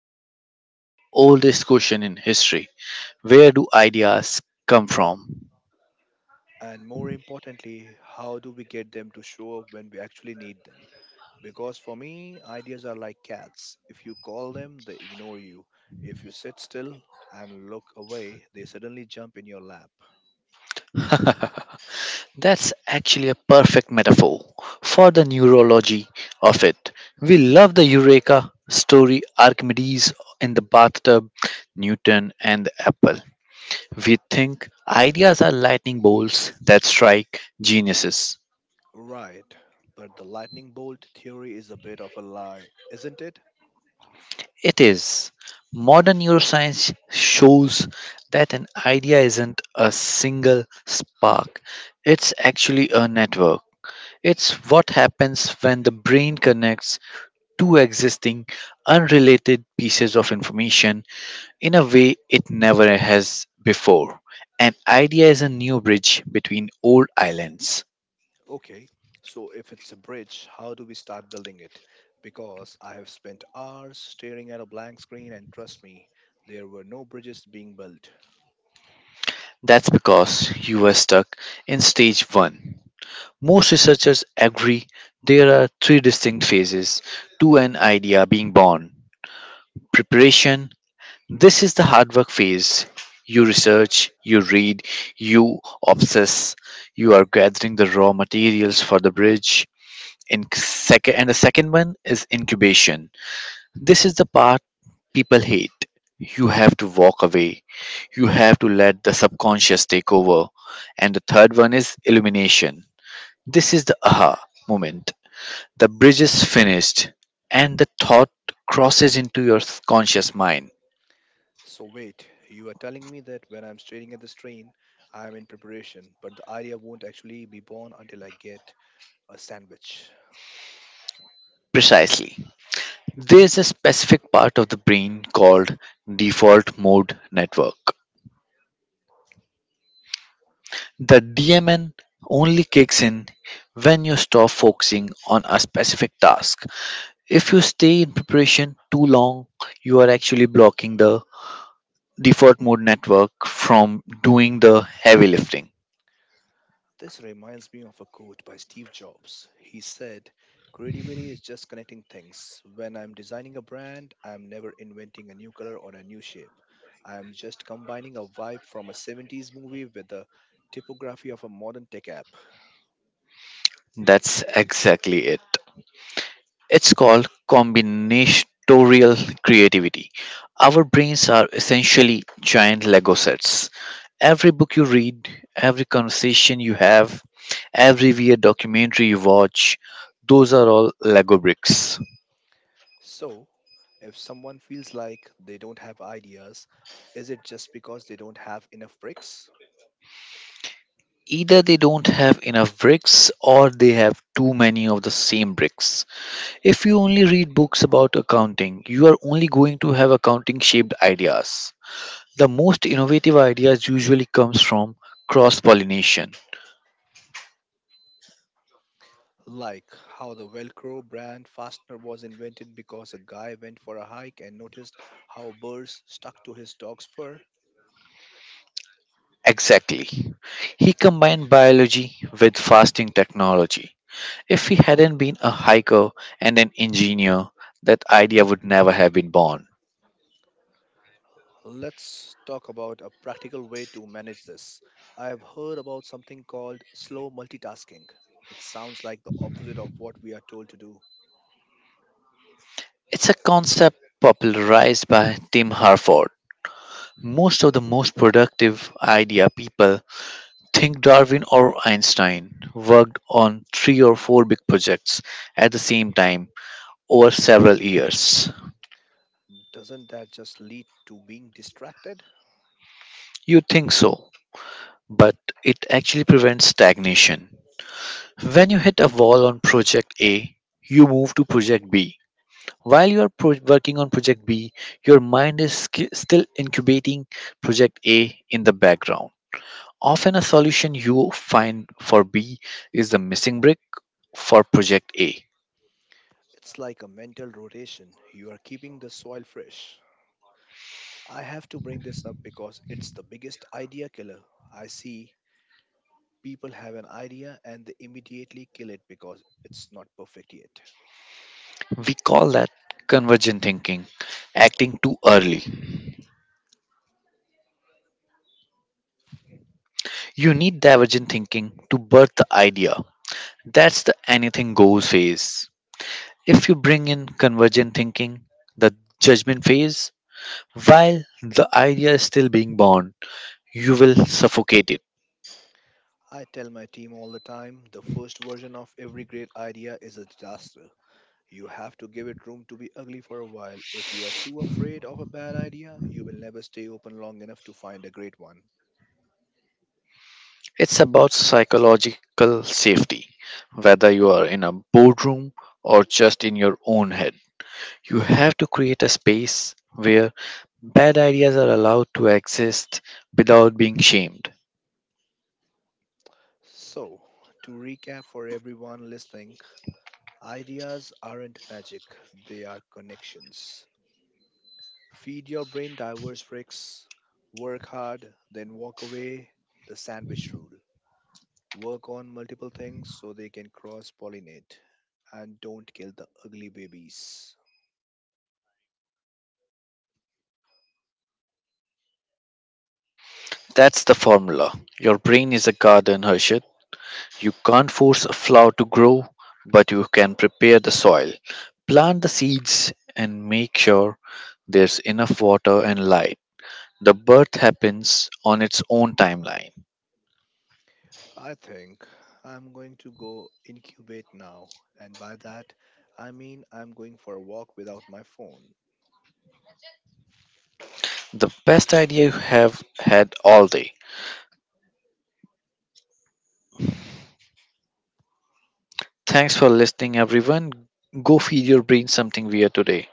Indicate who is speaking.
Speaker 1: asking one of the oldest questions in history. Where do ideas come from?
Speaker 2: And more importantly, how do we get them to show up when we actually need them? Because for me, ideas are like cats. If you call them, they ignore you. If you sit still and look away, they suddenly jump in your lap.
Speaker 1: That's actually a perfect metaphor for the neurology of it. We love the Eureka story Archimedes in the bathtub, Newton and the apple. We think ideas are lightning bolts that strike geniuses.
Speaker 2: Right, but the lightning bolt theory is a bit of a lie, isn't it?
Speaker 1: It is. Modern neuroscience shows that an idea isn't a single spark, it's actually a network. It's what happens when the brain connects two existing, unrelated pieces of information in a way it never has before. An idea is a new bridge between old islands.
Speaker 2: Okay, so if it's a bridge, how do we start building it? Because I have spent hours staring at a blank screen, and trust me, there were no bridges being built.
Speaker 1: That's because you were stuck in stage one. Most researchers agree there are three distinct phases to an idea being born. Preparation this is the hard work phase. You research, you read, you obsess, you are gathering the raw materials for the bridge. And the second one is incubation. This is the part people hate. You have to walk away. You have to let the subconscious take over. And the third one is illumination. This is the aha moment. The bridge is finished, and the thought crosses into your conscious mind.
Speaker 2: So, wait, you are telling me that when I'm staring at the screen, I am in preparation, but the idea won't actually be born until I get a sandwich.
Speaker 1: Precisely. There's a specific part of the brain called default mode network. The DMN only kicks in when you stop focusing on a specific task. If you stay in preparation too long, you are actually blocking the default mode network from doing the heavy lifting.
Speaker 2: This reminds me of a quote by Steve Jobs. He said, creativity is just connecting things. When I'm designing a brand, I'm never inventing a new color or a new shape. I'm just combining a vibe from a 70s movie with the typography of a modern tech app.
Speaker 1: That's exactly it. It's called combinatorial creativity. Our brains are essentially giant Lego sets. Every book you read, every conversation you have, every weird documentary you watch, those are all Lego bricks.
Speaker 2: So, if someone feels like they don't have ideas, is it just because they don't have enough bricks?
Speaker 1: Either they don't have enough bricks or they have too many of the same bricks. If you only read books about accounting, you are only going to have accounting shaped ideas. The most innovative ideas usually comes from cross-pollination.
Speaker 2: Like how the Velcro brand fastener was invented because a guy went for a hike and noticed how birds stuck to his dog's fur?
Speaker 1: Exactly. He combined biology with fasting technology. If he hadn't been a hiker and an engineer, that idea would never have been born.
Speaker 2: Let's talk about a practical way to manage this. I have heard about something called slow multitasking. It sounds like the opposite of what we are told to do.
Speaker 1: It's a concept popularized by Tim Harford. Most of the most productive idea people think Darwin or Einstein worked on three or four big projects at the same time over several years.
Speaker 2: Doesn't that just lead to being distracted?
Speaker 1: You think so? But it actually prevents stagnation. When you hit a wall on project A, you move to project B. While you are working on project B, your mind is still incubating project A in the background. Often, a solution you find for B is the missing brick for project A.
Speaker 2: It's like a mental rotation. You are keeping the soil fresh. I have to bring this up because it's the biggest idea killer. I see people have an idea and they immediately kill it because it's not perfect yet.
Speaker 1: We call that convergent thinking, acting too early. You need divergent thinking to birth the idea. That's the anything goes phase. If you bring in convergent thinking, the judgment phase, while the idea is still being born, you will suffocate it.
Speaker 2: I tell my team all the time, the first version of every great idea is a disaster. You have to give it room to be ugly for a while. If you are too afraid of a bad idea, you will never stay open long enough to find a great one.
Speaker 1: It's about psychological safety, whether you are in a boardroom or just in your own head. You have to create a space where bad ideas are allowed to exist without being shamed.
Speaker 2: So, to recap for everyone listening, ideas aren't magic, they are connections. Feed your brain diverse bricks, work hard, then walk away. The sandwich rule. Work on multiple things so they can cross pollinate, and don't kill the ugly babies.
Speaker 1: That's the formula. Your brain is a garden, Harshit. You can't force a flower to grow, but you can prepare the soil, plant the seeds, and make sure there's enough water and light. The birth happens on its own timeline.
Speaker 2: I think I'm going to go incubate now, and by that I mean I'm going for a walk without my phone.
Speaker 1: The best idea you have had all day. Thanks for listening, everyone. Go feed your brain something weird today.